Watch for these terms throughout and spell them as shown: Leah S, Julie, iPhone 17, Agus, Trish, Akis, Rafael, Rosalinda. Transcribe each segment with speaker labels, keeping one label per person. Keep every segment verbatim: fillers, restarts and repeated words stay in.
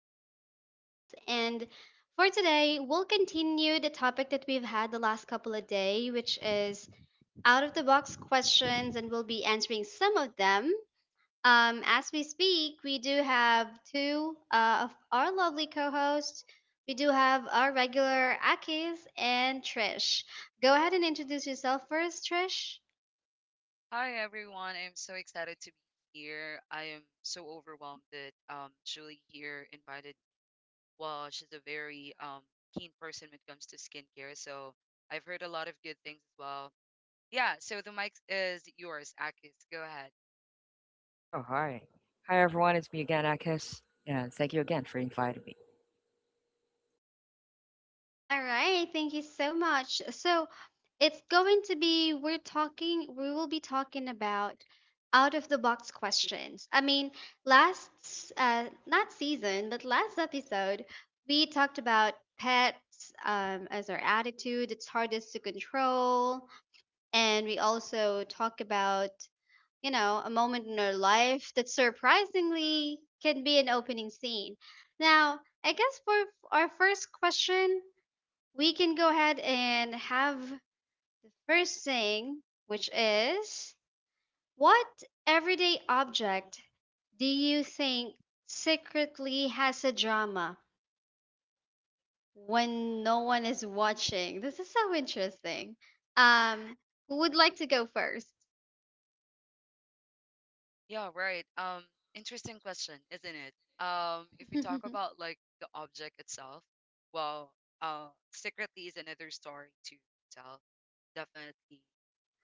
Speaker 1: with Leah S. And for today, we'll continue the topic that we've had the last couple of days, which is out of the box questions, and we'll be answering some of them. Um, as we speak, we do have two uh, of our lovely co-hosts. We do have our regular Akis and Trish. Go ahead and introduce yourself first, Trish.
Speaker 2: Hi everyone. I'm so excited to be here. I am so overwhelmed that um Julie here invited well, she's a very um keen person when it comes to skincare. So I've heard a lot of good things as well. Yeah, so the mic is yours, Akis. Go ahead.
Speaker 3: Oh, hi. Hi, everyone. It's me again, Akis. And thank you again for inviting me.
Speaker 1: All right, thank you so much. So it's going to be we're talking we will be talking about out of the box questions. I mean, last s- uh not season, but last episode we talked about pets um, as our attitude, it's hardest to control, and we also talk about you know a moment in our life that surprisingly can be an opening scene. Now, I guess for f- our first question we can go ahead and have the first thing, which is what everyday object do you think secretly has a drama when no one is watching? This is so interesting. Um, who would like to go first?
Speaker 2: Yeah, right. Um interesting question, isn't it? Um if we talk about like the object itself, well, uh secretly is another story to tell, definitely.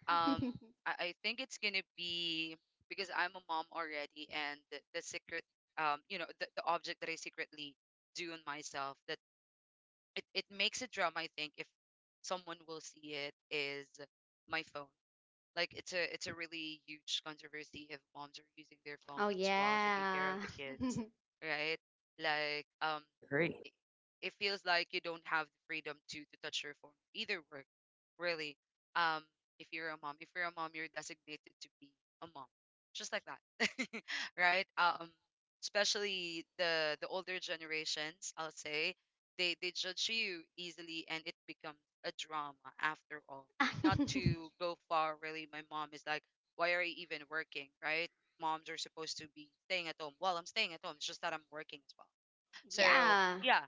Speaker 2: um I, I think it's gonna be because I'm a mom already, and the, the secret, um you know, the, the object that I secretly do on myself that it, it makes a drama, I think, if someone will see it, is my phone. Like, it's a it's a really huge controversy if moms are using their
Speaker 1: Oh,
Speaker 2: phones while taking care of
Speaker 1: yeah.
Speaker 2: the kids, right? Like um
Speaker 3: I agree.
Speaker 2: it, it feels like you don't have the freedom to to touch your phone either, work really. Um if you're a mom if you're a mom, you're designated to be a mom, just like that. Right. Um especially the the older generations, I'll say, they they judge you easily, and it becomes a drama after all. Not to go far, really, my mom is like, why are you even working, right? Moms are supposed to be staying at home. Well, I'm staying at home, it's just that I'm working as well. So
Speaker 1: Yeah.
Speaker 2: yeah,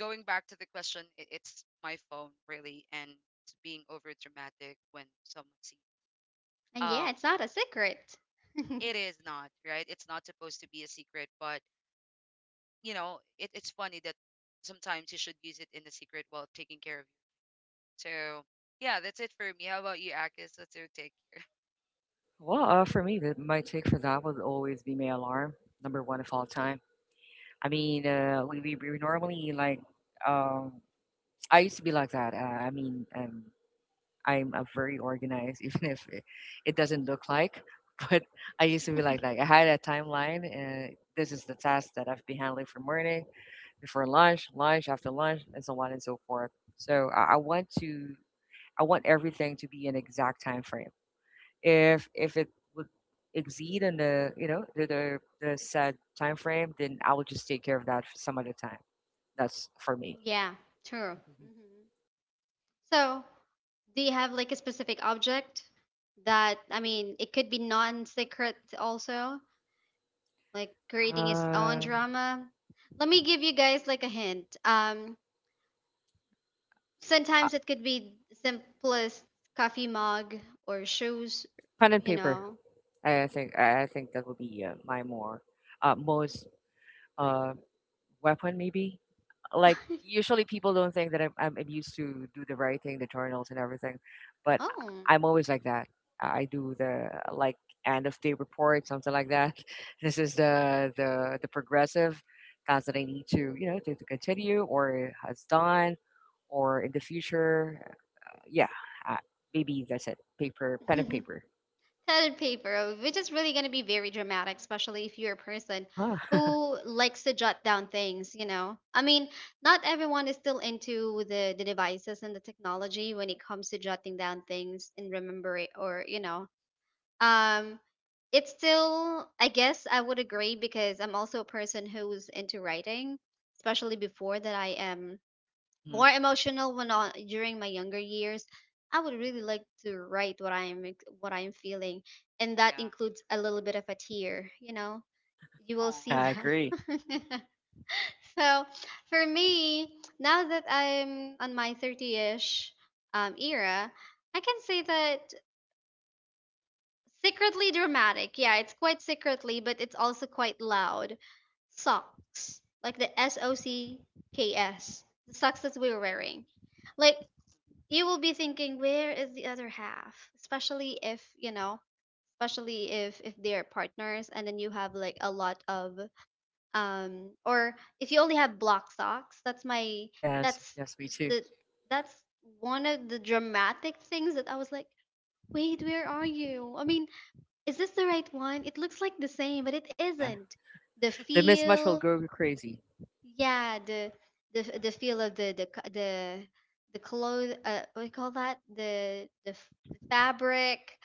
Speaker 2: going back to the question, it, it's my phone really, and it's being over dramatic when someone sees it.
Speaker 1: And yeah,
Speaker 2: Um,
Speaker 1: it's not a secret.
Speaker 2: it is not right. It's not supposed to be a secret, but you know, it, it's funny that sometimes you should use it in the secret while taking care of you. So yeah, that's it for me. How about you, Akis? That's your take
Speaker 3: Well, uh, for me, the, my take for that would always be my alarm, number one of all time. I
Speaker 2: here. Mm.
Speaker 3: mean, uh, we, we, we normally like, um, I used to be like that. Uh, I mean, um, I'm uh, very organized, even if it, it
Speaker 2: Mm.
Speaker 3: doesn't look like. But I used to be like, like I had a timeline. Uh, this is the task that I've been handling for morning, before lunch, lunch, after lunch, and so on and so forth. So I, I want to I want everything to be an exact time frame. If if it would exceed in the you know the the, the said time frame, then I will just take care of that some other time. That's for me.
Speaker 1: Yeah, true. Mhm. So, do you have like a specific object that, I mean, it could be non-secret also, like creating its own
Speaker 3: Um,
Speaker 1: drama? Let me give you guys like a hint. Um,
Speaker 3: uh,
Speaker 1: sometimes it could be simplest coffee mug or shoes,
Speaker 3: pen and
Speaker 1: you
Speaker 3: paper.
Speaker 1: know.
Speaker 3: I think I I think that would be uh, my more uh, most uh, weapon maybe, like usually people don't think that I'm, I'm I'm used to do the writing, the journals, and everything, but
Speaker 1: Oh.
Speaker 3: I- I'm always like that. I I do the like end of day report, something like that. This is the the the progressive tasks that I need to you know to, to continue or has done or in the future. Yeah, uh, maybe that's it. Paper, pen and paper.
Speaker 2: Agree.
Speaker 1: Padded paper, uh, which is really going to be very dramatic, especially if you're a person
Speaker 3: Uh huh.
Speaker 1: who likes to jot down things, you know. I mean, not everyone is still into the, the devices and the technology when it comes to jotting down things and remembering or, you know. Um it's still, I guess I would agree because I'm also a person who's into writing, especially before that I am
Speaker 3: Hmm.
Speaker 1: more emotional when on, during my younger years. I would
Speaker 2: Mm.
Speaker 1: really like to write what i'm ex- what I'm feeling, and that
Speaker 2: Yeah.
Speaker 1: includes a little bit of a tear, you know, you will
Speaker 2: Oh,
Speaker 1: see
Speaker 3: Yeah, I agree.
Speaker 1: that. So for me, now that I'm on my thirtyish um, era, I can say that secretly dramatic, yeah, it's quite secretly, but it's also quite loud. Socks, like the s o c k s, the socks that we were wearing. Like, you will be thinking, where is the other half, especially if you know, especially if if they're partners and then you have like a lot of um or if you only have block socks, that's my
Speaker 3: Yes,
Speaker 1: that's
Speaker 3: yes, me too.
Speaker 1: the that's one of the dramatic things that I was like, wait, where are you? I mean, is this the right one? It looks like the same, but it
Speaker 3: Yeah,
Speaker 1: isn't. The
Speaker 3: the mismatch will
Speaker 1: feel,
Speaker 3: go crazy.
Speaker 1: yeah, the the f- the feel of the the co- the the clothes. Uh, what do you call that? The the f- the fabric.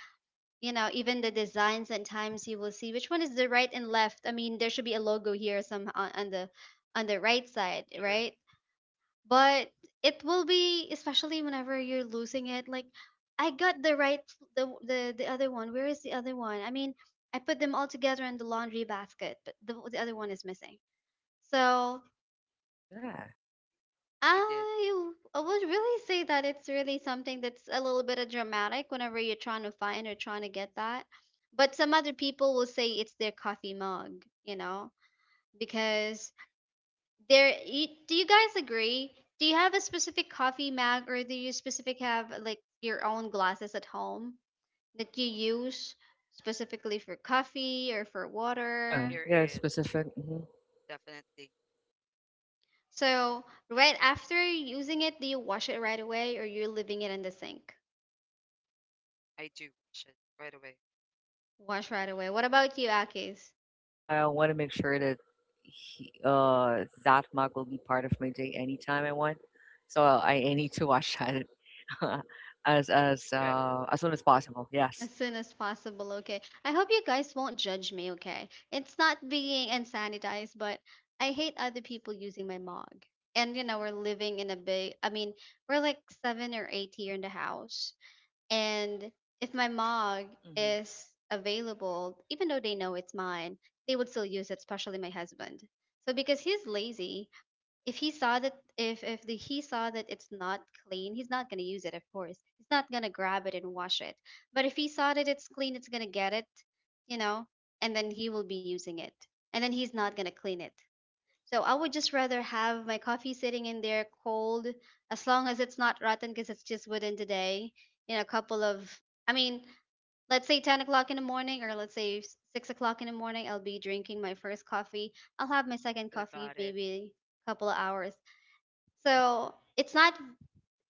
Speaker 1: You know, even the designs. And times you will see which one is the right and left. I mean, there should be a logo here some on, on the on the right side,
Speaker 2: sure enough,
Speaker 1: right? But it will be especially whenever you're losing it. Like, I got the right, the the the other one. Where is the other one? I mean, I put them all together in the laundry basket, but the the other one is missing. So
Speaker 3: Yeah.
Speaker 2: you did.
Speaker 1: I w- I would really say that it's really something that's a little bit of dramatic whenever you're trying to find or trying to get that. But some other people will say it's their coffee mug, you know, because there. y- Do you guys agree? Do you have a specific coffee mug, or do you specific have like your own glasses at home that you use specifically for coffee or for
Speaker 3: Yeah,
Speaker 1: water?
Speaker 2: There
Speaker 3: yeah, it's
Speaker 2: is
Speaker 3: specific. Hmm.
Speaker 2: definitely.
Speaker 1: So right after using it, do you wash it right away, or you're leaving it in the sink?
Speaker 2: I do watch it right away.
Speaker 1: Wash right away. What about you, Akis?
Speaker 3: I want to make sure that he, uh, that mug will be part of my day anytime I want. So I, I need to watch that as as
Speaker 2: Right away.
Speaker 3: uh, as soon as possible. Yes.
Speaker 1: As soon as possible, okay? I hope you guys won't judge me, okay? It's not being unsanitized, but I hate other people using my mug. And you know, we're living in a big, I mean, we're like seven or eight here in the house. And if my mug
Speaker 3: Hmm.
Speaker 1: is available, even though they know it's mine, they would still use it, especially my husband. So because he's lazy, if he saw that if if the, he saw that it's not clean, he's not going to use it. Of course, he's not going to grab it and wash it. But if he saw that it's clean, it's going to get it, you know, and then he will be using it, and then he's not going to clean it. So I would just rather have my coffee sitting in there cold, as long as it's not rotten, because it's just within today. In a couple of, I mean, let's say ten o'clock in the morning or let's say s- six o'clock in the morning, I'll be drinking my first coffee. I'll have my second
Speaker 2: Still
Speaker 1: coffee
Speaker 2: got it.
Speaker 1: maybe couple of hours. So it's not,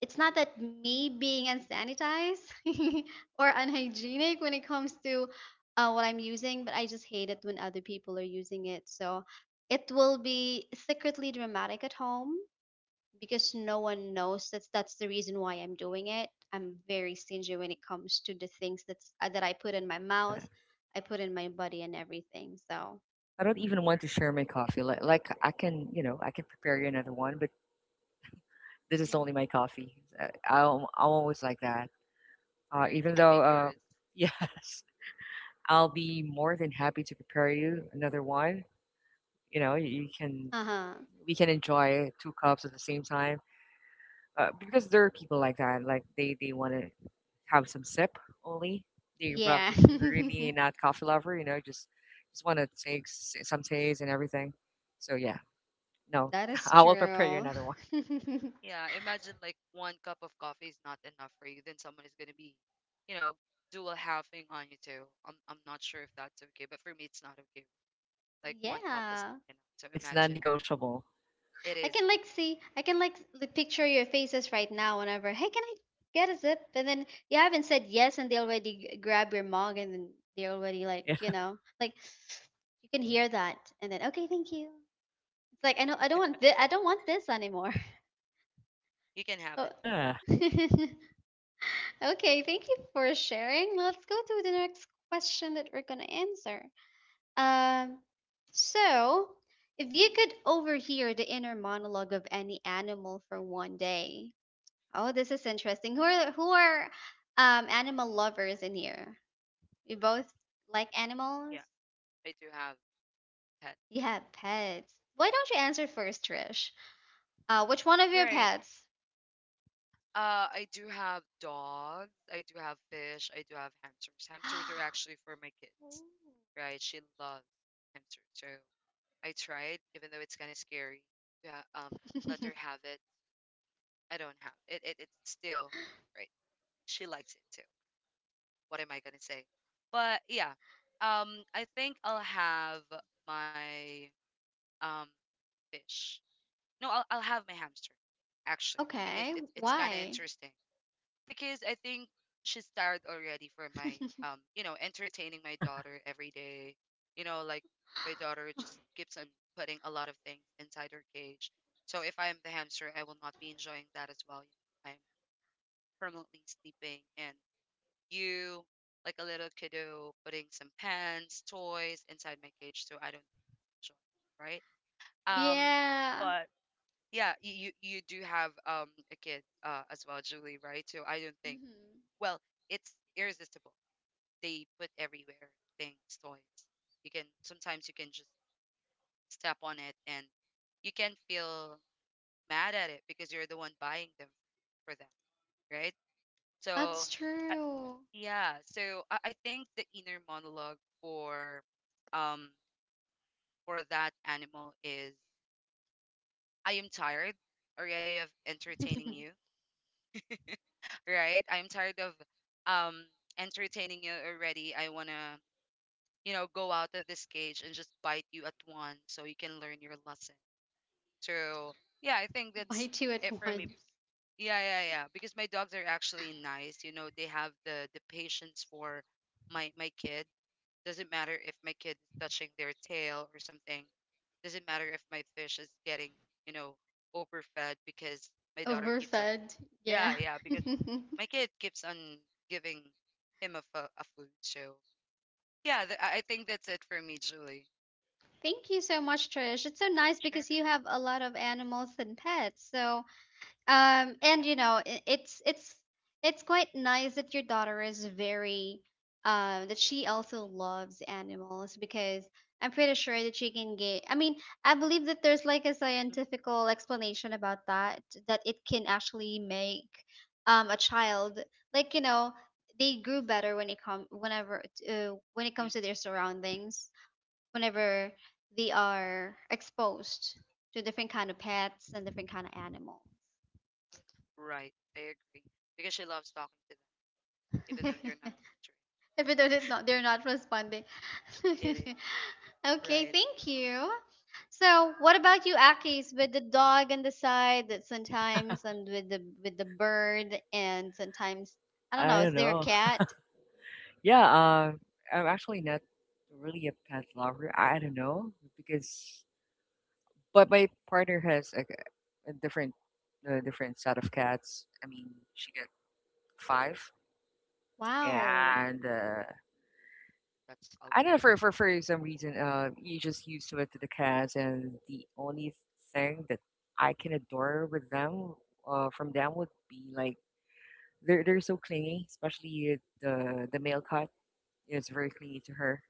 Speaker 1: it's not that me being unsanitized or unhygienic when it comes to uh, what I'm using, but I just hate it when other people are using it. So it will be secretly dramatic at home because no one knows that's that's the reason why I'm doing it. I'm very stingy when it comes to the things that's uh, that I put in my
Speaker 3: Yeah.
Speaker 1: mouth, I put in my body and everything. So
Speaker 3: I don't even want
Speaker 2: Right.
Speaker 3: to share my coffee. Like, like I can, you know, I can, prepare you another one, but this is
Speaker 1: mm,
Speaker 3: only my coffee. Uh, I'm, I'm always like that. Uh,
Speaker 2: Right, you
Speaker 3: even
Speaker 2: can
Speaker 3: though,
Speaker 2: make
Speaker 3: uh,
Speaker 2: yours.
Speaker 3: yes, I'll be more than happy to prepare you another one. You know, you, you can
Speaker 1: uh huh,
Speaker 3: we can enjoy two cups at the same time, uh, because there are people like that, like they they want to have some sip only, they run
Speaker 1: yeah,
Speaker 3: mm, really not coffee lover, you know just just want to take s- some taste and everything. So yeah. No,
Speaker 1: that is
Speaker 3: I will prepare you
Speaker 1: true.
Speaker 3: another one.
Speaker 2: Yeah, imagine like one cup of coffee is not enough for you, then someone is gonna be, you know, dual halving on you too. I'm I'm not sure if that's okay, but for me it's not okay. Like, one cup is
Speaker 1: Yeah.
Speaker 2: not enough. So
Speaker 3: It's
Speaker 2: imagine.
Speaker 3: non-negotiable.
Speaker 2: It
Speaker 1: I
Speaker 2: is.
Speaker 1: can like see, I can like like, picture your faces right now whenever, hey, can I get a zip? And then you haven't said yes and they already g- grab your mug, and then they already like, you
Speaker 3: Yeah,
Speaker 1: know, like you can hear that. And then, okay, thank you. It's like, I know I don't want this, I don't want this anymore.
Speaker 2: You can have
Speaker 1: Oh.
Speaker 2: it though.
Speaker 3: yeah.
Speaker 1: Okay, thank you for sharing. Let's go to the next question that we're gonna answer. Um, so if you could overhear the inner monologue of any animal for one day, oh, this is interesting. Who are who are um animal lovers in here? You both like animals?
Speaker 2: Yeah, I do have pet.
Speaker 1: You have pets. Why don't you answer first, Trish? Uh, which one of your
Speaker 2: Right.
Speaker 1: pets?
Speaker 2: Uh, I do have dogs. I do have fish. I do have hamsters. Hamsters are actually for my
Speaker 1: Ooh.
Speaker 2: kids, right? She loves hamsters, so I tried, even though it's kind of scary to ha- um let her have it. I don't have it, it. It's still right. She likes it too. What am I gonna say? But yeah, um, I think I'll have my um fish. No, I'll I'll have my hamster, actually, because
Speaker 1: Okay,
Speaker 2: it's it's kind of
Speaker 1: why?
Speaker 2: interesting, because I think she's tired already for my, um you know, entertaining my daughter every day. You know, like, my daughter just keeps on putting a lot of things inside her cage. So if I am the hamster, I will not be enjoying that as well. You know, I'm permanently sleeping, and you, like a little kiddo, putting some pens, toys inside my cage. So I don't think that's enjoyable, right? Um,
Speaker 1: Yeah,
Speaker 2: but yeah, you you, you do have um a kid uh, as well, Julie, right? So I don't think,
Speaker 1: hmm,
Speaker 2: well, it's irresistible. They put everywhere things, toys. You can, sometimes you can just step on it, and you can feel mad at it because you're the one buying them for them, right? So
Speaker 1: that's true.
Speaker 2: yeah. So I, I think the inner monologue for um for that animal is, I am tired already of entertaining you, right? I am tired of um entertaining you already. I wanna, you know, go out of this cage and just bite you at once so you can learn your lesson. So yeah, I think that's
Speaker 1: Bite you at
Speaker 2: it for
Speaker 1: once.
Speaker 2: me. Yeah, yeah, yeah. Because my dogs are actually nice. You know, they have the the patience for my my kid. Doesn't matter if my kid is touching their tail or something. Doesn't matter if my fish is getting, you know, overfed because my daughter keeps on,
Speaker 1: Overfed. Yeah.
Speaker 2: yeah, yeah, because my kid keeps on giving him a, fu- a food. So, yeah, th- I I think that's it for me, Julie.
Speaker 1: Thank you so much, Trish. It's so nice because
Speaker 2: Sure.
Speaker 1: you have a lot of animals and pets. So um and
Speaker 2: Yeah.
Speaker 1: you know, i- it's it's it's quite nice that your daughter is very um that she also loves animals, because I'm pretty sure that she can get, I mean, I believe that there's like a
Speaker 2: Mm.
Speaker 1: scientifical explanation about that, that it can actually make um a child, like, you know, they grew better when it come whenever uh, when it
Speaker 2: They
Speaker 1: comes to their
Speaker 2: do.
Speaker 1: surroundings, whenever they are exposed to different kind of pets and different kind of animals.
Speaker 2: Right. Right, I agree. Because she loves talking to them, even though they're not answering.
Speaker 1: If it doesn't, not, they're not responding.
Speaker 2: It is.
Speaker 1: Okay,
Speaker 2: Right.
Speaker 1: thank you. So what about you, Akis, with the dog on the side, that sometimes, and with the with the bird, and sometimes I don't
Speaker 3: I
Speaker 1: know, is
Speaker 3: don't
Speaker 1: there a
Speaker 3: know.
Speaker 1: cat?
Speaker 3: Yeah. um I'm actually not really a pet lover. I don't know, because but my partner has like a, a different a different set of cats. I mean, she five,
Speaker 1: Wow.
Speaker 3: and uh,
Speaker 2: That's a
Speaker 3: I don't
Speaker 2: lot.
Speaker 3: know, for for for some reason, uh, you just used to it, to the cats, and the only thing that I can adore with them, uh, from them, would be like they're they're so clingy, especially the the male cat is very clingy to her.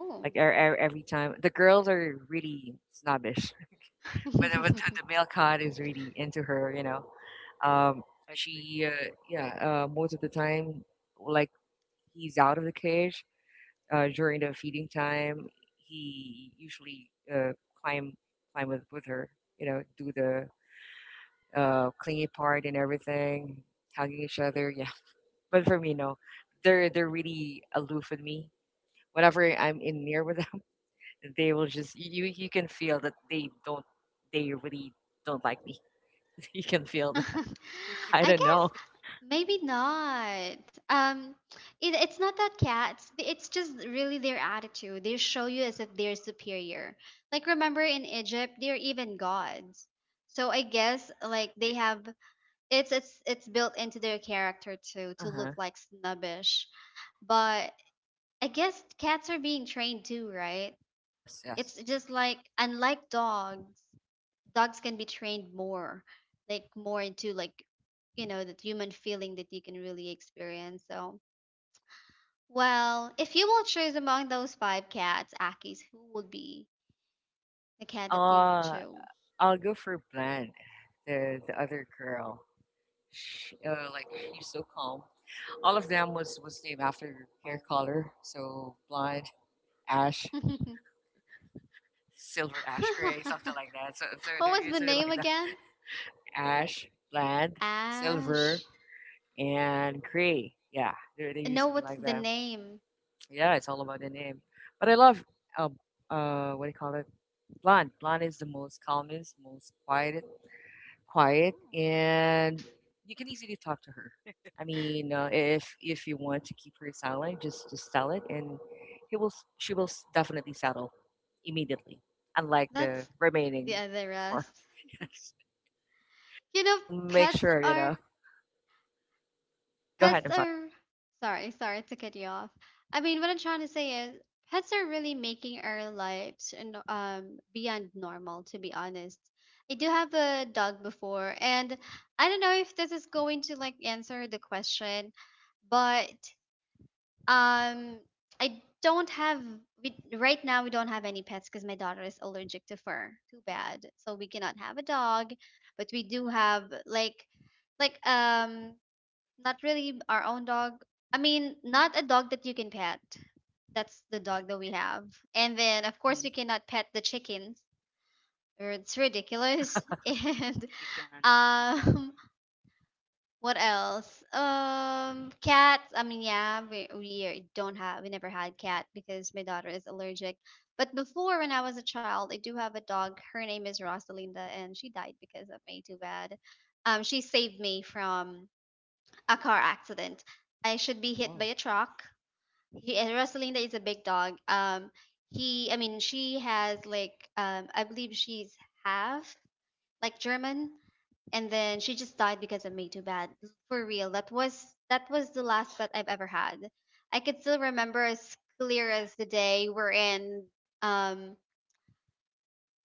Speaker 1: Oh.
Speaker 3: Like e- e- every time, the girls are really snobbish, but the- but the the male cat is really into her. You know, um,
Speaker 2: Agree.
Speaker 3: she uh, yeah, uh, most of the time, like he's out of the cage. Uh, during the feeding time, he usually uh, climb climb with, with her. You know, do the uh, clingy part and everything, hugging each other. Yeah, but for me, no, they're they're really aloof with me. Whenever I'm in near with them, they will just you you can feel that they don't they really don't like me. You can feel that. I
Speaker 1: I
Speaker 3: don't
Speaker 1: guess
Speaker 3: know.
Speaker 1: maybe not. Um, it, it's not that cats. It's just really their attitude. They show you as if they're superior. Like, remember, in Egypt they're even gods. So I guess
Speaker 2: They
Speaker 1: like
Speaker 2: are.
Speaker 1: they have, it's it's it's built into their character too
Speaker 3: Uh
Speaker 1: to look
Speaker 3: huh.
Speaker 1: like snobbish. But I guess cats are being trained too, right?
Speaker 3: Yes, yes.
Speaker 1: It's just like, unlike dogs, dogs can be trained more, like more into, like, you know, that human feeling that you can really experience. So well, if you will choose among those five cats, Akis, who would be the cat that you will
Speaker 3: Uh,
Speaker 1: choose?
Speaker 3: I'll go for Bland, the the other girl. She, uh, like, she's so calm. All of them was was named
Speaker 2: Oh,
Speaker 3: after hair color. So blonde, ash, silver, ash gray, something like that. So so
Speaker 1: What
Speaker 3: they're
Speaker 1: was the
Speaker 3: usually
Speaker 1: name
Speaker 3: like that:
Speaker 1: again?
Speaker 3: ash, blonde, silver,
Speaker 1: Ash,
Speaker 3: and gray. Yeah, they they used
Speaker 1: no,
Speaker 3: to be
Speaker 1: what's
Speaker 3: like
Speaker 1: the
Speaker 3: that.
Speaker 1: name?
Speaker 3: Yeah, it's all about the name. But I love uh, uh what do you call it? Blonde. Blonde is the most calmest, most quiet quiet,
Speaker 1: Oh,
Speaker 3: and you can easily talk to her. I mean, uh, if if you want to keep her silent, just just tell it, and he will. s- She will s- definitely settle immediately. Unlike the
Speaker 1: that's the
Speaker 3: remaining
Speaker 1: other
Speaker 3: four,
Speaker 1: rest.
Speaker 3: yes,
Speaker 1: You know,
Speaker 3: we'll make
Speaker 1: pets
Speaker 3: sure. You
Speaker 1: are
Speaker 3: know, go ahead.
Speaker 1: pets
Speaker 3: I'm sorry.
Speaker 1: are sorry, sorry to cut you off. I mean, what I'm trying to say is pets are really making our lives and um beyond normal, to be honest. I do have a dog before, and I don't know if this is going to like answer the question, but um I don't have we, right now we don't have any pets because my daughter is allergic to fur. Too bad. So we cannot have a dog, but we do have like like um not really our own dog. I mean, not a dog that you can pet. That's the dog that we have. And then, of
Speaker 3: Mm-hmm.
Speaker 1: course, we cannot pet the chickens. Or It's ridiculous. And
Speaker 2: you can't. You can't.
Speaker 1: um, what else? Um, cats. I mean, yeah, we we don't have. We never had cat because my daughter is allergic. But before, when I was a child, I do have a dog. Her name is Rosalinda, and she died because of me. Too bad. Um, she saved me from a car accident. I should be hit by
Speaker 3: Oh.
Speaker 1: a truck. He, and Rosalinda is a big dog. Um, he, I mean, she has like, um, I believe she's half like German, and then she just died because of me. Too bad. For real, that was that was the last pet I've ever had. I could still remember as clear as the day we're in. Um,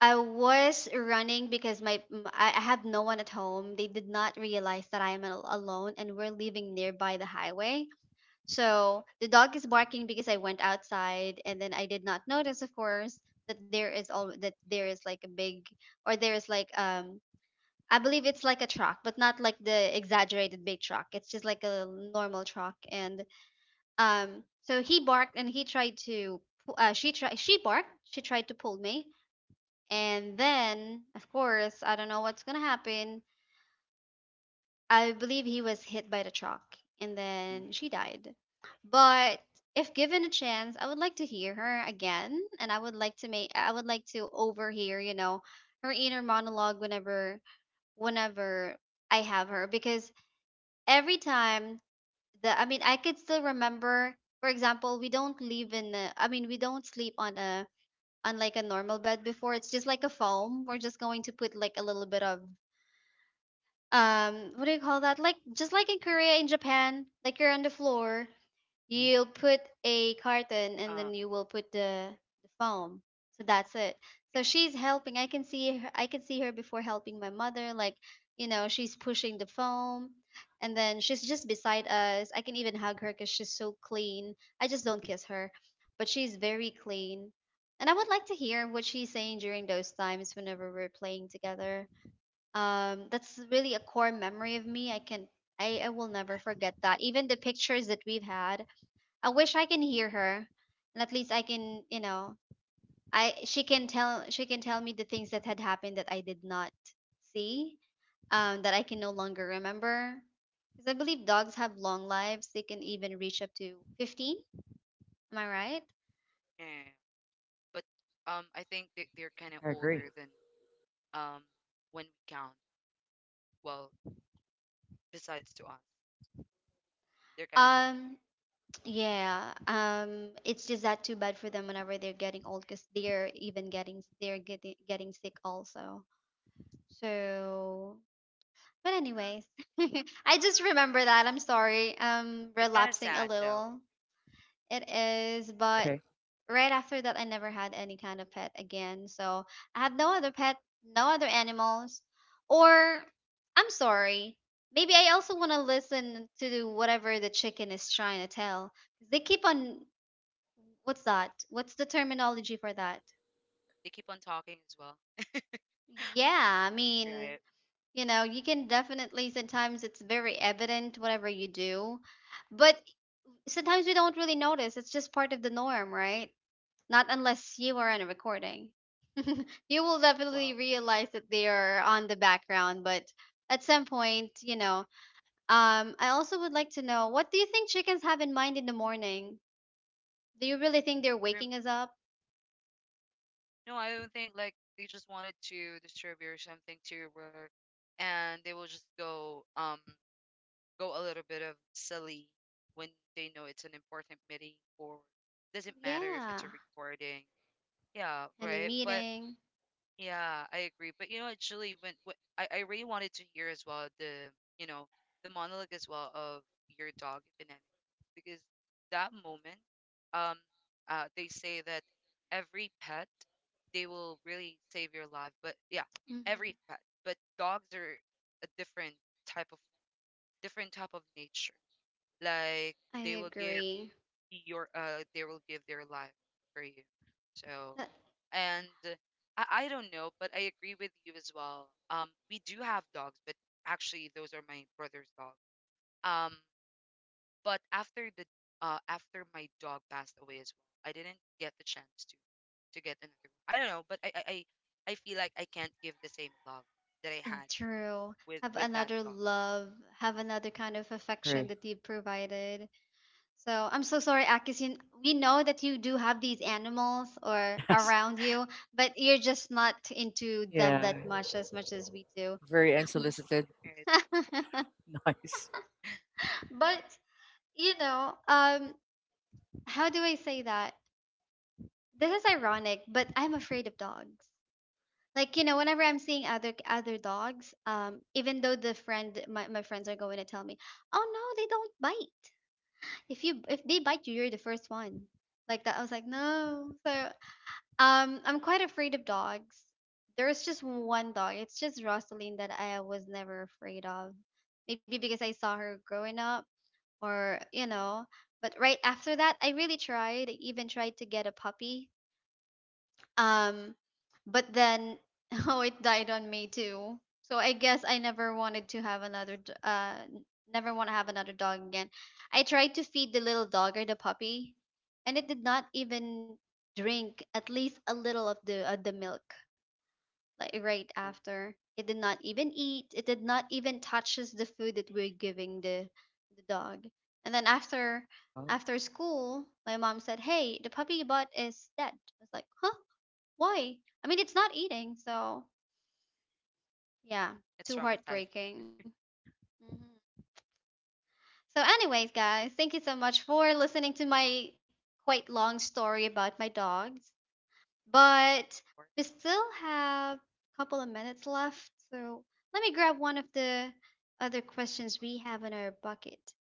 Speaker 1: I was running because my m- I I have no one at home. They did not realize that I am al- alone, and we're living nearby the highway, so the dog is barking because I went outside, and then I did not notice, of course, that there is all that there is like a big, or there is like um I believe it's like a truck, but not like the exaggerated big truck. It's just like a normal truck. And um so he barked and he tried to pu- uh, she tried she barked, she tried to pull me. And then, of course, I don't know what's gonna happen. I believe he was hit by the truck, and
Speaker 3: Mm-hmm.
Speaker 1: then she died. But if given a chance, I would like to hear her again, and I would like to make I would like to overhear, you know, her inner monologue whenever whenever I have her. Because every time the I mean, I could still remember, for example, we don't live in a, I mean, we don't sleep on a, on like a normal bed before. It's just like a foam. We're just going to put like a little bit of um what do you call that, like just like in Korea, in Japan, like you're on the floor,
Speaker 3: Mm-hmm.
Speaker 1: you'll put a carton and
Speaker 2: Uh.
Speaker 1: then you will put the the foam. So that's it. So
Speaker 2: Yeah.
Speaker 1: she's helping. I can see her, i can see her before, helping my mother, like, you know she's pushing the foam, and then she's just beside us. I can even hug her because she's so clean. I just don't kiss her, but she's very clean. And I would like to hear what she's saying during those times whenever we're playing together. Um that's really a core memory of me. I can I, I will never forget that, even the pictures that we've had. I wish I can hear her, and at least I can, you know I she can tell, she can tell me the things that had happened that I did not see, um that I can no
Speaker 2: Mm.
Speaker 1: longer remember. Because I believe dogs have long lives. They can even reach up to fifteen I right?
Speaker 2: Yeah. Yeah, yeah. But um, I think they, they're kind of
Speaker 3: I agree.
Speaker 2: older than um when we count. Well, besides to us, they're kind of older.
Speaker 1: um Yeah, um, it's just that too bad for them whenever they're getting old, because they're even getting they're getting getting sick also. So, but anyways, I just remember
Speaker 2: Yeah.
Speaker 1: that. I'm sorry. Um,
Speaker 2: It's kind of
Speaker 1: relapsing a
Speaker 2: sad though.
Speaker 1: little. It is,
Speaker 3: It's
Speaker 1: but
Speaker 3: okay.
Speaker 1: right after that, I never had any kind of pet again. So I have no other pet, no other animals, or I'm sorry. Maybe I also want to listen to whatever the chicken is trying to tell. They keep on— What's that? What's the terminology for that?
Speaker 2: They keep on talking as well.
Speaker 1: Yeah, I mean,
Speaker 2: Right.
Speaker 1: you know, you can definitely— sometimes it's very evident whatever you do, but sometimes we don't really notice. It's just part of the norm, right? Not unless you are on a recording. You will definitely
Speaker 2: Well,
Speaker 1: realize that they are on the background. But at some point, you know, um, I also would like to know, what do you think chickens have in mind in the morning? Do you really think they're
Speaker 2: for me,
Speaker 1: waking us up?
Speaker 2: no, I don't think like they just wanted to disturb you or something to your work, and they will just go um go a little bit of silly when they know it's an important meeting or doesn't matter if
Speaker 1: Yeah,
Speaker 2: it's a recording. Yeah.
Speaker 1: any
Speaker 2: Right. But
Speaker 1: meeting?
Speaker 2: yeah, I agree. But you know what, Julie, when, what I, I really wanted to hear as well, the, you know, the monologue as well of your dog, if in any case, because that moment, um, uh, they say that every pet, they will really save your life. But yeah, every
Speaker 1: Mhm.
Speaker 2: pet, but dogs are a different type of, different type of nature. Like,
Speaker 1: I
Speaker 2: they will give
Speaker 1: agree.
Speaker 2: your uh they will give their life for you. So,
Speaker 1: That
Speaker 2: and uh, I, I don't know, but I agree with you as well. Um, we do have dogs, but actually those are my brother's dog. Um but after the uh after my dog passed away as well, I didn't get the chance to to get another one. I don't know, but I I, I I feel like I can't give the same love that I had
Speaker 1: true.
Speaker 2: with
Speaker 1: Have
Speaker 2: with that
Speaker 1: another
Speaker 2: dog.
Speaker 1: love, have another kind of
Speaker 3: I
Speaker 1: affection
Speaker 3: agree.
Speaker 1: that you've provided. So I'm so sorry, Akis. You, we know that you do have these animals or
Speaker 3: Yes.
Speaker 1: around you, but you're just not into them
Speaker 3: Yeah,
Speaker 1: that much as much as we do.
Speaker 3: very unsolicited.
Speaker 2: It,
Speaker 3: Nice.
Speaker 1: But, you know, um, how do I say that? This is ironic, but I'm afraid of dogs. Like, you know whenever I'm seeing other other dogs, um even though the friend my, my friends are going to tell me, "Oh no, they don't bite. If you if they bite you, you're the first one," like that. I was like, "No." So um I'm quite afraid of dogs. There's just one dog, it's just Rosaline, that I was never afraid of. Maybe because I saw her growing up, or, you know but right after that, i really tried I even tried to get a puppy. um, but then oh, it died on me too. So I guess I never wanted to have another. D- Uh, n- never want to have another dog again. I tried to feed the little dog, or the puppy, and it did not even drink at least a little of the of the milk. Like right after, it did not even eat. It did not even touches the food that we're giving the the dog. And then after
Speaker 3: Oh.
Speaker 1: after school, my mom said, "Hey, the puppy you bought is dead." I was like, "Huh. Why?" I mean, it's not eating, so yeah,
Speaker 2: it's
Speaker 1: too
Speaker 2: traumatizing.
Speaker 1: heartbreaking. Hmm. So, anyways, guys, thank you so much for listening to my quite long story about my dogs.
Speaker 2: Yeah,
Speaker 1: But
Speaker 2: or
Speaker 1: we still have a couple of minutes left, so let me grab one of the other questions we have in our bucket.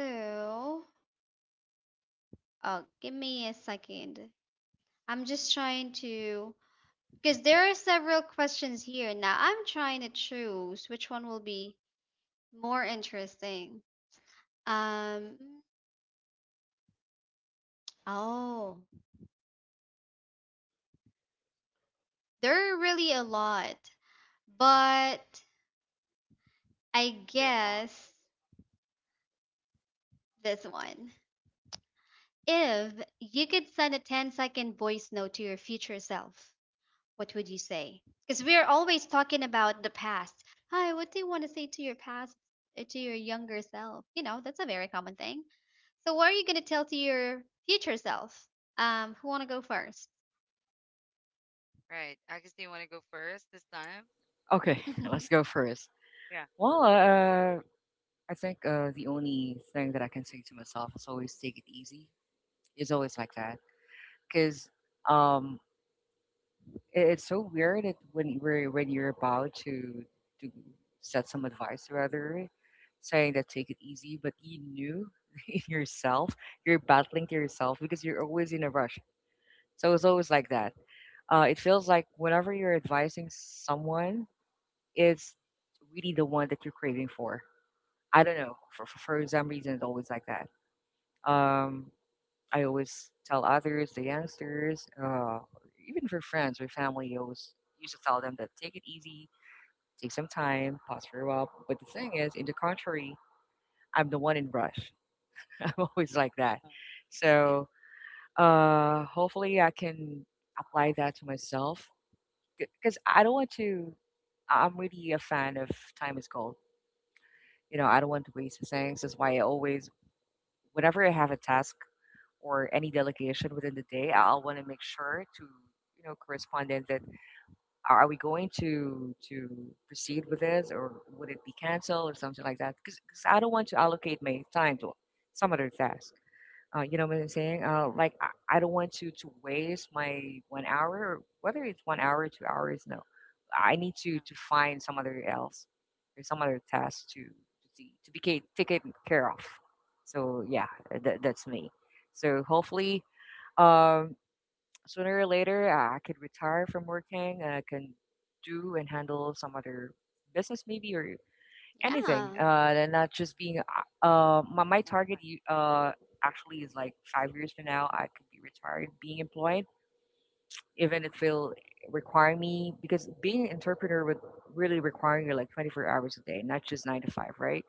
Speaker 1: So, oh, give me a second. I'm just trying to, because there are several questions here. Now, I'm trying to choose which one will be more interesting. Um, oh, there are really a lot, but I
Speaker 2: they are.
Speaker 1: guess this one. If you could send a ten-second voice note to your future self, what would you say? Because we're always talking about the past. Hi, what do you want to say to your past, uh, to your younger self? You know, that's a very common thing. So, what are you going to tell to your future self? Um, who want to go first?
Speaker 2: Right. Agus, do you want to go first this time?
Speaker 3: Okay, let's go first.
Speaker 2: Yeah.
Speaker 3: Well, uh, I think uh, the only thing that I can say to myself is always take it easy. It's always like that because um, it, it's so weird, it, when you're when you're about to to set some advice or other, saying that take it easy, but you knew in yourself you're battling to yourself because you're always in a rush. So it's always like that. Uh, it feels like whenever you're advising someone, it's really the one that you're craving for. I don't know. For for, for some reason, it's always like that. Um, I always tell others, the youngsters, uh, even for friends or family, you always used to tell them that take it easy, take some time, pause for a while. But the thing is, in the contrary, I'm the one in rush. I'm always like that.
Speaker 2: Oh, yeah,
Speaker 3: So uh, hopefully I can apply that to myself because I don't want to. I- I'm really a fan of time is gold. You know, I don't want to waste things. That's why I always, whenever I have a task or any delegation within the day, I'll want to make sure to you know correspondent that are are we going to to proceed with this or would it be canceled or something like that? Because I don't want to allocate my time to some other task. Uh, you know what I'm saying? Uh, like I, I don't want to to waste my one hour, whether it's one hour, two hours. No, I need to
Speaker 2: yeah.
Speaker 3: to find some other else or some other task to to see to be ca- taken care of. So yeah, that, that's me. So hopefully um, sooner or later, I I could retire from working and I can do and handle some other business maybe or anything.
Speaker 1: Yeah.
Speaker 3: Uh, and not just being, uh, uh, my,
Speaker 2: Why
Speaker 3: my
Speaker 2: not?
Speaker 3: target you- uh, actually is like five years from now. I could be retired, being employed, even if it'll require me, because being an entrepreneur would really require you like twenty-four hours a day, not just nine to five, right?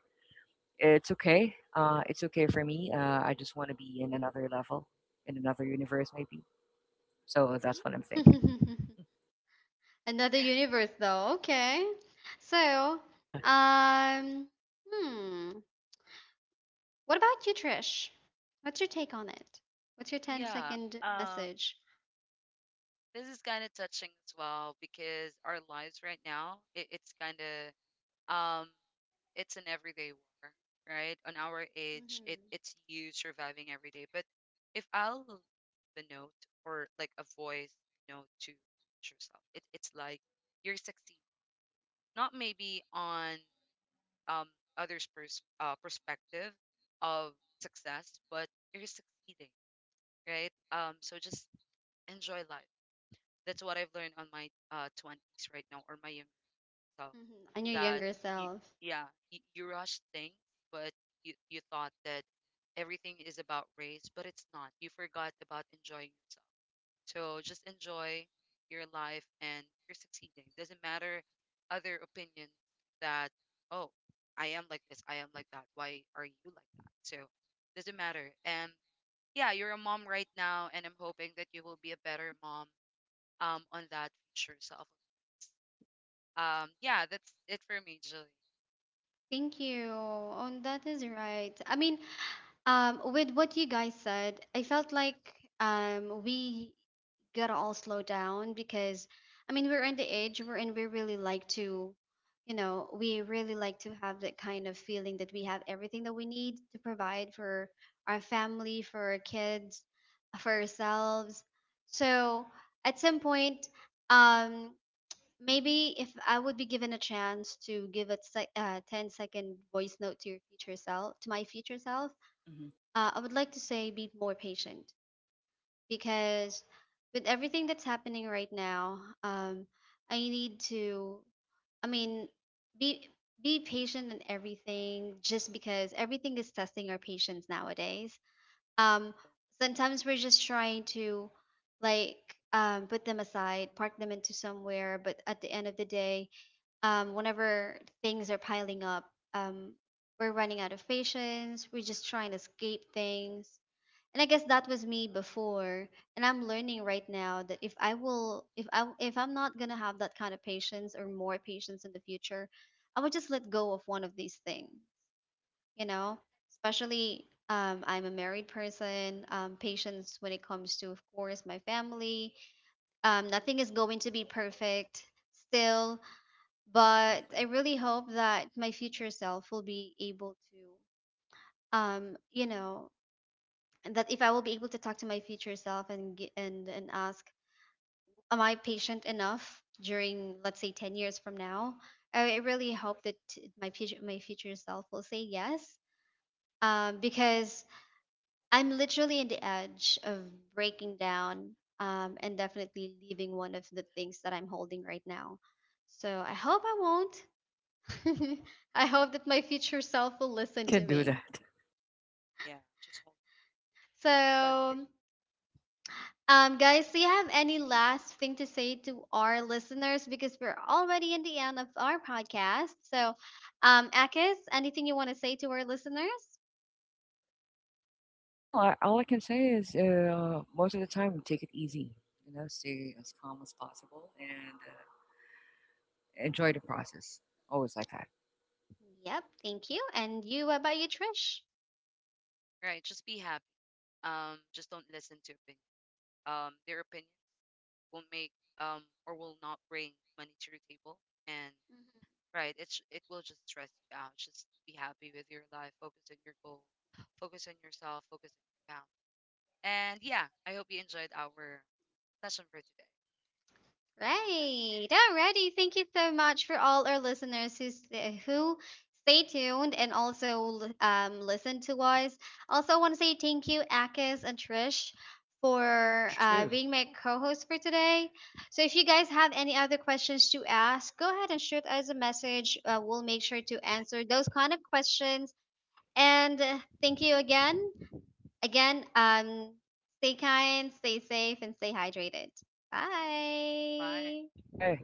Speaker 3: It's okay. Uh, it's okay for me. Uh, I just want to be in another level, in another universe maybe. So
Speaker 1: Mhm.
Speaker 3: that's what I'm thinking.
Speaker 1: Another universe, though. Okay. So, um, hmm. What about you, Trish? What's your take on it? What's your 10
Speaker 2: Yeah.
Speaker 1: second
Speaker 2: Um,
Speaker 1: message?
Speaker 2: this is kind of touching as well because our lives right now, it, it's kind of um, it's an everyday war, right? On our age, it
Speaker 1: Mm-hmm.
Speaker 2: it's you surviving every day. But if I'll leave a note or like a voice note to future self, it it's like, you're succeeding. Not maybe on um others' pers- uh, perspective of success, but you're succeeding, right? Um, so, just enjoy life. That's what I've learned on my uh twenties right now, or my younger self.
Speaker 1: Mm-hmm. And your
Speaker 2: That
Speaker 1: younger
Speaker 2: you,
Speaker 1: self.
Speaker 2: yeah, you, you rush things, but you you thought that everything is about race, but it's not. You forgot about enjoying yourself. So just enjoy your life and you're succeeding. Doesn't matter other opinions that, oh, I am like this, I am like that. Why are you like that? So doesn't matter. And yeah, you're a mom right now, and I'm hoping that you will be a better mom um on that future self. Um, yeah, that's it for me, Julie.
Speaker 1: Thank you. Oh, that is right. I mean, Um, with what you guys said, I felt like um, we gotta all slow down. Because, I mean, we're in the age we're in. We really like to, you know, we really like to have that kind of feeling that we have everything that we need to provide for our family, for our kids, for ourselves. So at some point, um, maybe if I would be given a chance to give a sec- uh, ten second voice note to your future self, to my future self,
Speaker 3: Mhm.
Speaker 1: uh, I would like to say be more patient. Because with everything that's happening right now, um, I need to, I mean, be be patient in everything, just because everything is testing our patience nowadays. Um, Sometimes we're just trying to, like, um, put them aside, park them into somewhere, but at the end of the day, um, whenever things are piling up, um, we're running out of patience. We're just trying to escape things, and I guess that was me before. And I'm learning right now that if I will if I if I'm not going to have that kind of patience, or more patience in the future, I would just let go of one of these things, you know especially, um, I'm a married person. Um, patience when it comes to, of course, my family. Um, nothing is going to be perfect, still. But I
Speaker 3: Exactly.
Speaker 1: really hope that my future self will be able to, um, you know that if I will be able to talk to my future self and g- and and ask, am I patient enough during, let's say, ten years from now? I I really hope that my future my future self will say yes. Um, because I'm literally on the edge of breaking down, um, and definitely leaving one of the things that I'm holding right now. So I hope I won't. I hope that my future self will
Speaker 3: You
Speaker 1: listen
Speaker 3: can
Speaker 1: to
Speaker 3: do
Speaker 1: me.
Speaker 3: that.
Speaker 2: Yeah, just hold on. Got
Speaker 1: So,
Speaker 2: it.
Speaker 1: Um, guys, do you have any last thing to say to our listeners? Because we're already in the end of our podcast. So, um, Akis, anything you want to say to our listeners?
Speaker 3: Well, I, all I can say is uh, most of the time, take it easy. You know, stay as calm as possible and uh, enjoy the process. Always like that.
Speaker 1: Yep, thank you. And you, what about you, Trish?
Speaker 2: Right, just be happy. Um, just don't listen to opinion. Um, their opinion will make um or will not bring money to your table, and right, it's it will just stress you out. Just be happy with your life. Focus on your goal. Focus on yourself. Focus on your family. And yeah, I hope you enjoyed our session for today.
Speaker 1: Right. Alrighty. Thank you so much for all our listeners who st- who stay tuned and also l- um listen to us. Also, I want to say thank you, Akis and Trish,
Speaker 3: Thank
Speaker 1: for
Speaker 3: you
Speaker 1: uh,
Speaker 2: Sure.
Speaker 3: too.
Speaker 1: being my co-host for today. So, if you guys have any other questions to ask, go ahead and shoot us a message. Uh, we'll make sure to answer those kind of questions. And uh, thank you again. Again, um, stay kind, stay safe, and stay hydrated. Bye.
Speaker 2: Bye.
Speaker 3: Bye.